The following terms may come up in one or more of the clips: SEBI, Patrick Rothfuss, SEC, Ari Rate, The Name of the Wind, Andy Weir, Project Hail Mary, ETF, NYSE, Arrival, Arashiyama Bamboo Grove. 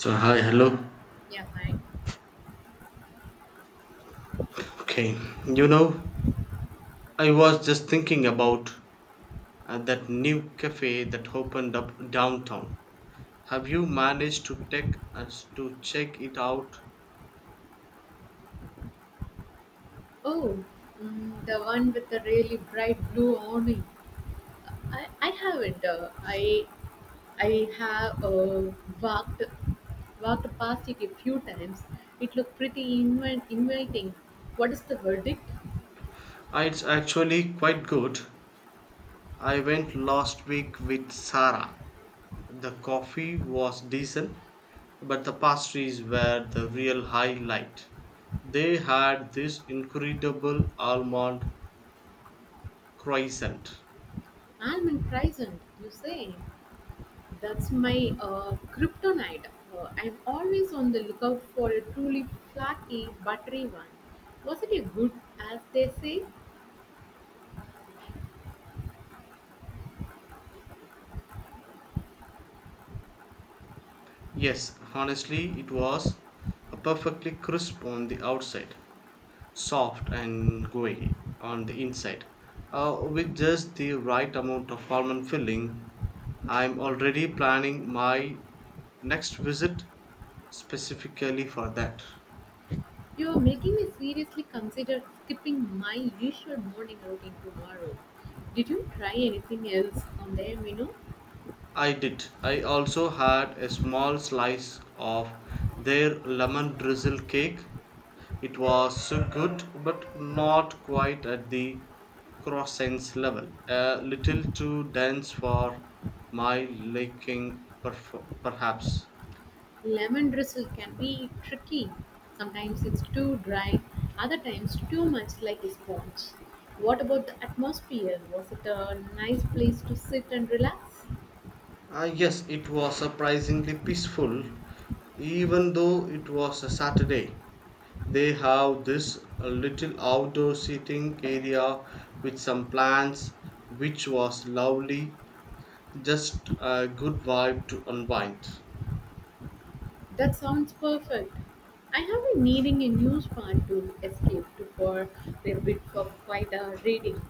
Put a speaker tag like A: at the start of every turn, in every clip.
A: So, hi, hello.
B: Yeah, mine.
A: Okay, you know, I was just thinking about that new cafe that opened up downtown. Have you managed to take us to check it out?
B: Oh, mm, the one with the really bright blue awning. I haven't. I have walked walked past it a few times. It looked pretty inviting. What is the verdict?
A: It's actually quite good. I went last week with Sarah. The coffee was decent, but the pastries were the real highlight. They had this incredible almond croissant.
B: Almond present, you say? That's my kryptonite. I'm always on the lookout for a truly flaky, buttery one. Was it a good, as they say?
A: Yes, honestly, it was a perfectly crisp on the outside, soft and gooey on the inside, with just the right amount of almond filling. I'm already planning my next visit specifically for that.
B: You're making me seriously consider skipping my usual morning routine tomorrow. Did you try anything else on the menu?
A: I did. I also had a small slice of their lemon drizzle cake. It was good, but not quite at the croissant's level, a little too dense for my liking, perhaps.
B: Lemon drizzle can be tricky. Sometimes it's too dry, other times too much like a sponge. What about the atmosphere? Was it a nice place to sit and relax?
A: Ah, yes, it was surprisingly peaceful, even though it was a Saturday. They have this little outdoor seating area with some plants, which was lovely, just a good vibe to unwind.
B: That sounds perfect. I have been needing a new span to escape to for a bit of quite a reading.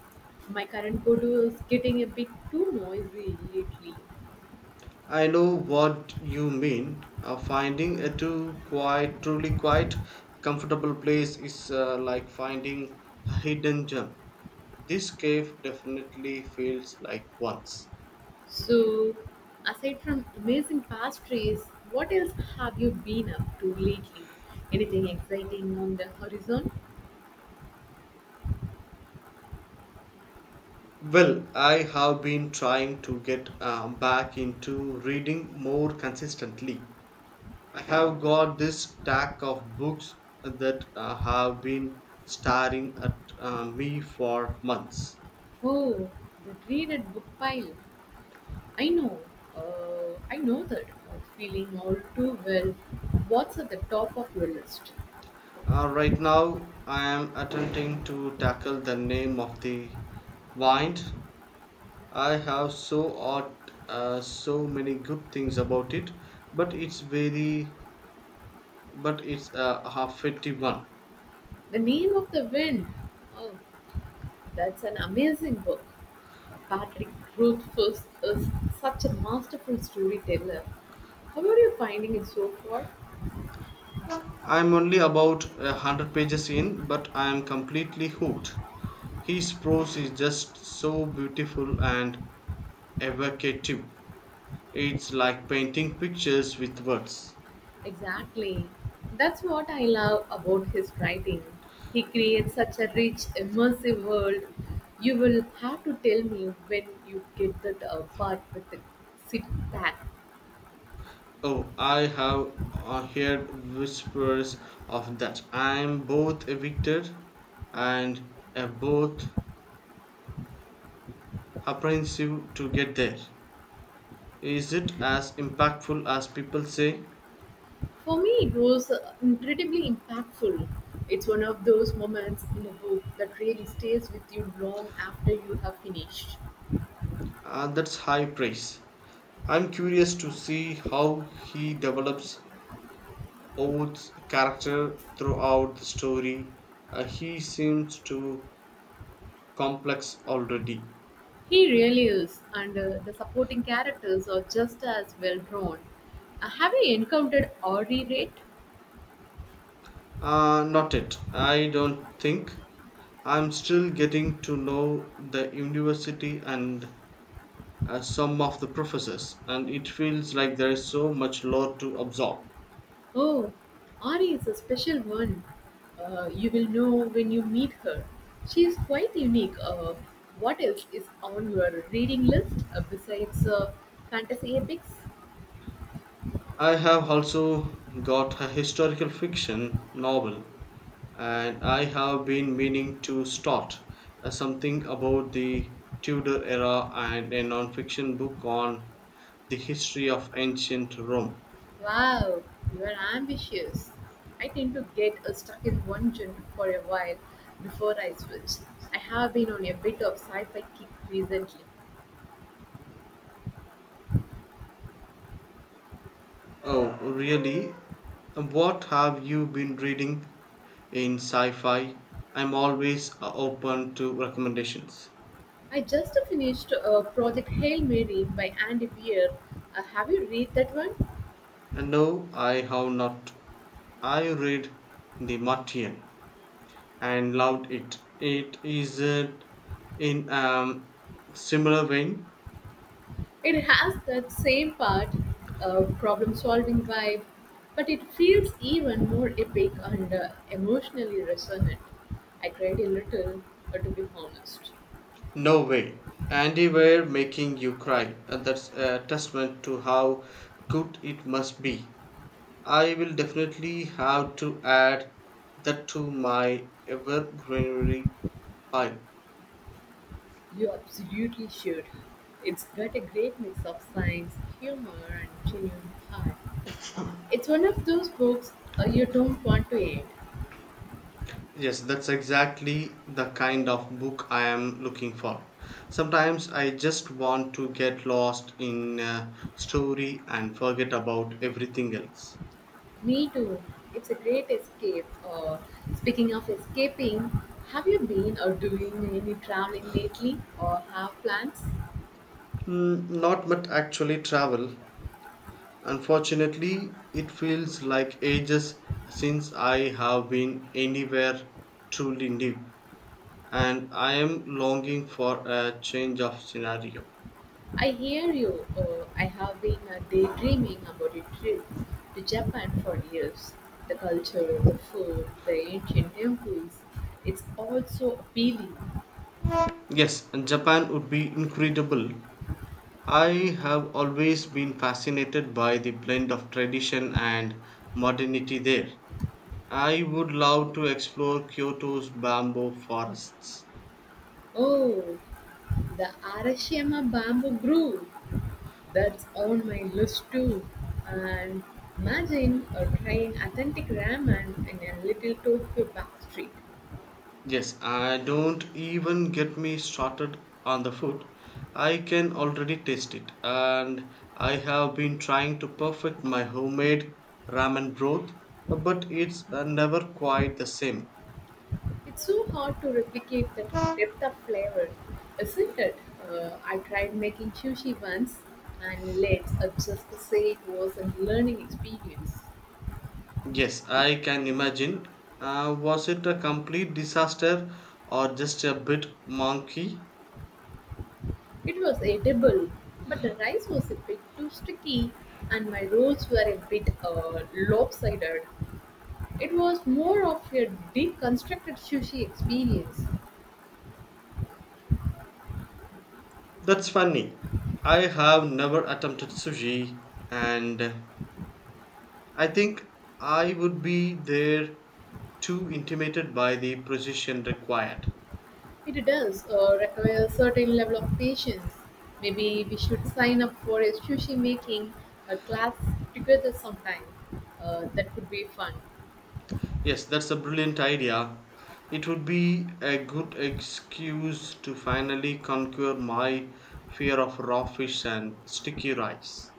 B: My current go-to is getting a bit too noisy lately.
A: I know what you mean. Finding a too quiet, truly quiet, comfortable place is like finding a hidden gem. This cave definitely feels like once.
B: So, aside from amazing pastries, what else have you been up to lately? Anything exciting on the horizon?
A: Well, I have been trying to get back into reading more consistently. I have got this stack of books that have been staring at me for months.
B: Oh, the dreaded book pile. I know. I know that feeling all too well. What's at the top of your list?
A: Right now, I am attempting to tackle The Name of the Wine. I have so ought, so many good things about it, but it's very, but it's a half 51.
B: The Name of the Wind. Oh, that's an amazing book. Patrick Rothfuss is such a masterful storyteller. How are you finding it so far?
A: I'm only about 100 pages in, but I am completely hooked. His prose is just so beautiful and evocative. It's like painting pictures with words.
B: Exactly. That's what I love about his writing. He creates such a rich, immersive world. You will have to tell me when you get that part with the sit back.
A: Oh, I have heard whispers of that. I am both evicted and both apprehensive to get there. Is it as impactful as people say?
B: For me, it was incredibly impactful. It's one of those moments in a book that really stays with you long after you have finished.
A: That's high praise. I'm curious to see how he develops Oates' character throughout the story. He seems too complex already.
B: He really is, and the supporting characters are just as well drawn. Have you encountered Ari Rate?
A: Not it. I don't think. I'm still getting to know the university and some of the professors, and it feels like there is so much lore to absorb.
B: Oh, Ari is a special one. You will know when you meet her. She is quite unique. What else is on your reading list besides fantasy epics?
A: I have also got a historical fiction novel, and I have been meaning to start something about the Tudor era and a non fiction book on the history of ancient Rome.
B: Wow, you are ambitious. I tend to get stuck in one genre for a while before I switch. I have been on a bit of sci-fi kick recently.
A: Oh, really? What have you been reading? In sci-fi, I'm always open to recommendations.
B: I just finished Project Hail Mary by Andy Weir. Have you read that one?
A: And no, I have not. I read The Martian and loved it. It is in similar vein.
B: It has that same part, problem-solving vibe, but it feels even more epic and emotionally resonant. I cried a little, to be honest.
A: No way. And they were making you cry, and that's a testament to how good it must be. I will definitely have to add that to my ever greenery pile.
B: You absolutely should. It's got a great mix of science, humor, and genuine heart. It's one of those books you don't want to end.
A: Yes, that's exactly the kind of book I am looking for. Sometimes I just want to get lost in a story and forget about everything else.
B: Me too. It's a great escape. Speaking of escaping, have you been or doing any traveling lately or have plans?
A: Mm, not much actually travel. Unfortunately, it feels like ages since I have been anywhere truly new, and I am longing for a change of scenario.
B: I hear you. I have been daydreaming about a trip to Japan for years. The culture, the food, the ancient temples, it's all so appealing.
A: Yes, and Japan would be incredible. I have always been fascinated by the blend of tradition and modernity there. I would love to explore Kyoto's bamboo forests.
B: Oh, the Arashiyama Bamboo Grove. That's on my list too. And imagine a train authentic ramen in a little Tokyo backstreet.
A: Yes, I don't even get me started on the food. I can already taste it, and I have been trying to perfect my homemade ramen broth, but it's never quite the same.
B: It's so hard to replicate that depth of flavor, isn't it? I tried making sushi once, and let's just say it was a learning experience.
A: Yes, I can imagine. Was it a complete disaster or just a bit monkey?
B: It was edible, but the rice was a bit too sticky, and my rolls were a bit lopsided. It was more of a deconstructed sushi experience.
A: That's funny. I have never attempted sushi, and I think I would be there too intimidated by the precision required.
B: It does require a certain level of patience. Maybe we should sign up for a sushi making a class together sometime. That could be fun.
A: Yes, that's a brilliant idea. It would be a good excuse to finally conquer my fear of raw fish and sticky rice.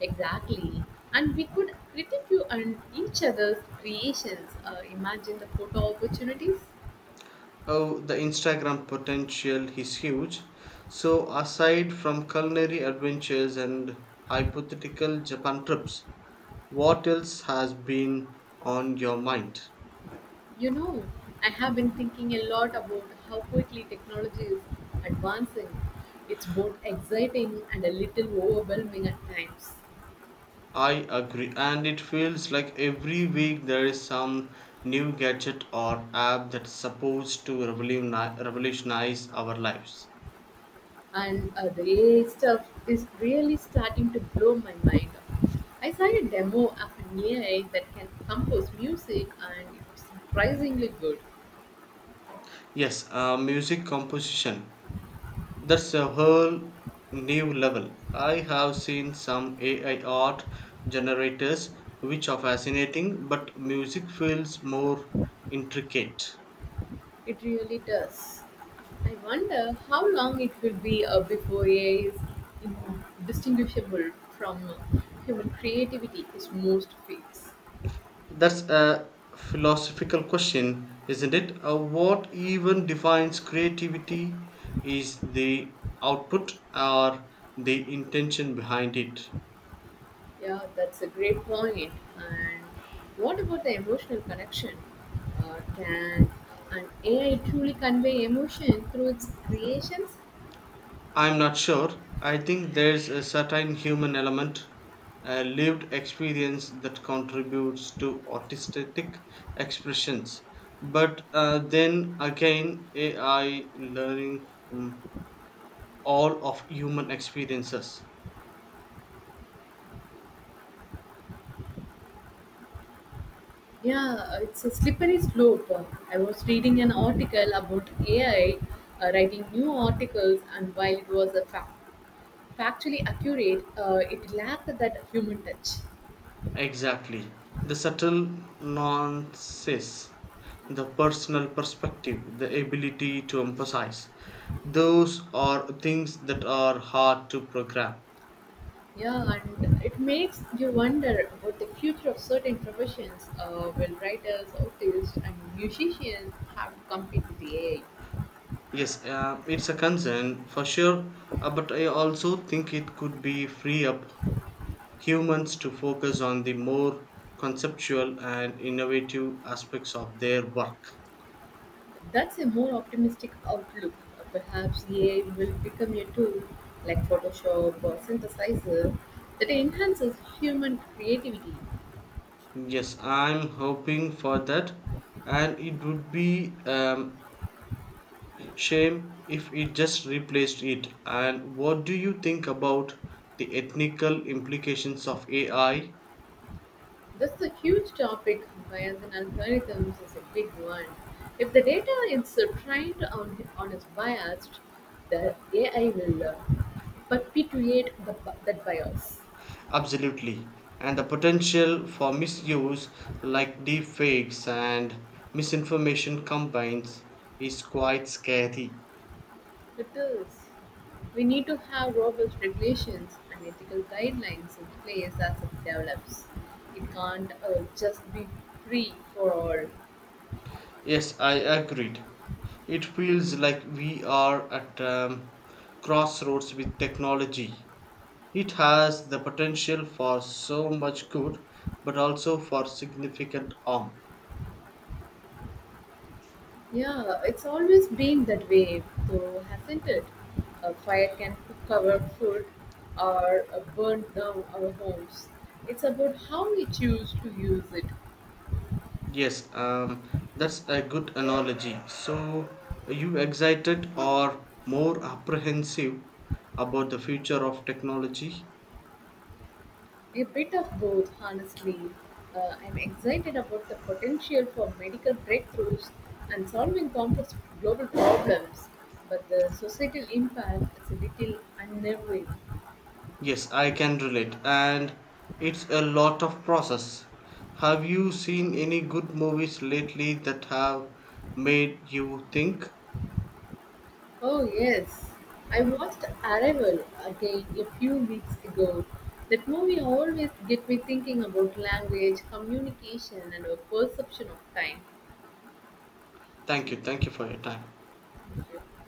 B: Exactly. And we could critique you and each other's creations. Imagine the photo opportunities.
A: Oh, the Instagram potential is huge. So, aside from culinary adventures and hypothetical Japan trips, what else has been on your mind?
B: You know, I have been thinking a lot about how quickly technology is advancing. It's both exciting and a little overwhelming at times.
A: I agree, and it feels like every week there is some new gadget or app that's supposed to revolutionize our lives.
B: And the AI stuff is really starting to blow my mind. I saw a demo of an AI that can compose music and it was surprisingly good.
A: Yes, music composition. That's a whole new level. I have seen some AI art generators which are fascinating, but music feels more intricate.
B: It really does. I wonder how long it will be before AI is in- distinguishable from human creativity is most fields.
A: That's a philosophical question, isn't it? What even defines creativity, is the output or the intention behind it?
B: Yeah, that's a great point. And what about the emotional connection? Can an AI truly convey emotion through its creations?
A: I'm not sure. I think there's a certain human element, a lived experience that contributes to artistic expressions. But then again, AI learning from all of human experiences.
B: Yeah, it's a slippery slope. I was reading an article about AI writing new articles, and while it was a fact factually accurate, it lacked that human touch.
A: Exactly. The subtle nuances, the personal perspective, the ability to emphasize. Those are things that are hard to program.
B: Yeah, and it makes you wonder about the future of certain professions will writers, artists, and musicians have to compete with AI.
A: Yes, it's a concern for sure, but I also think it could be free up humans to focus on the more conceptual and innovative aspects of their work.
B: That's a more optimistic outlook. Perhaps AI will become a tool like Photoshop or synthesizer that enhances human creativity.
A: Yes, I'm hoping for that, and it would be shame if it just replaced it. And what do you think about the ethical implications of AI?
B: This is a huge topic, bias in algorithms is a big one. If the data is trained on is biased, the AI will perpetuate that bias.
A: Absolutely. And the potential for misuse, like deep fakes and misinformation combines, is quite scary.
B: It is. We need to have robust regulations and ethical guidelines in place as it develops. It can't just be free for all.
A: Yes, I agreed. It feels like we are at crossroads with technology. It has the potential for so much good, but also for significant harm.
B: Yeah, it's always been that way, though, hasn't it? A fire can cook our food or burn down our homes. It's about how we choose to use it.
A: Yes, that's a good analogy. So, are you excited or more apprehensive about the future of technology?
B: A bit of both, honestly. I'm excited about the potential for medical breakthroughs and solving complex global problems, but the societal impact is a little unnerving.
A: Yes, I can relate, and it's a lot of process. Have you seen any good movies lately that have made you think?
B: Oh, yes. I watched Arrival again a few weeks ago. That movie always get me thinking about language, communication, and our perception of time.
A: Thank you for your time.
B: Thank you.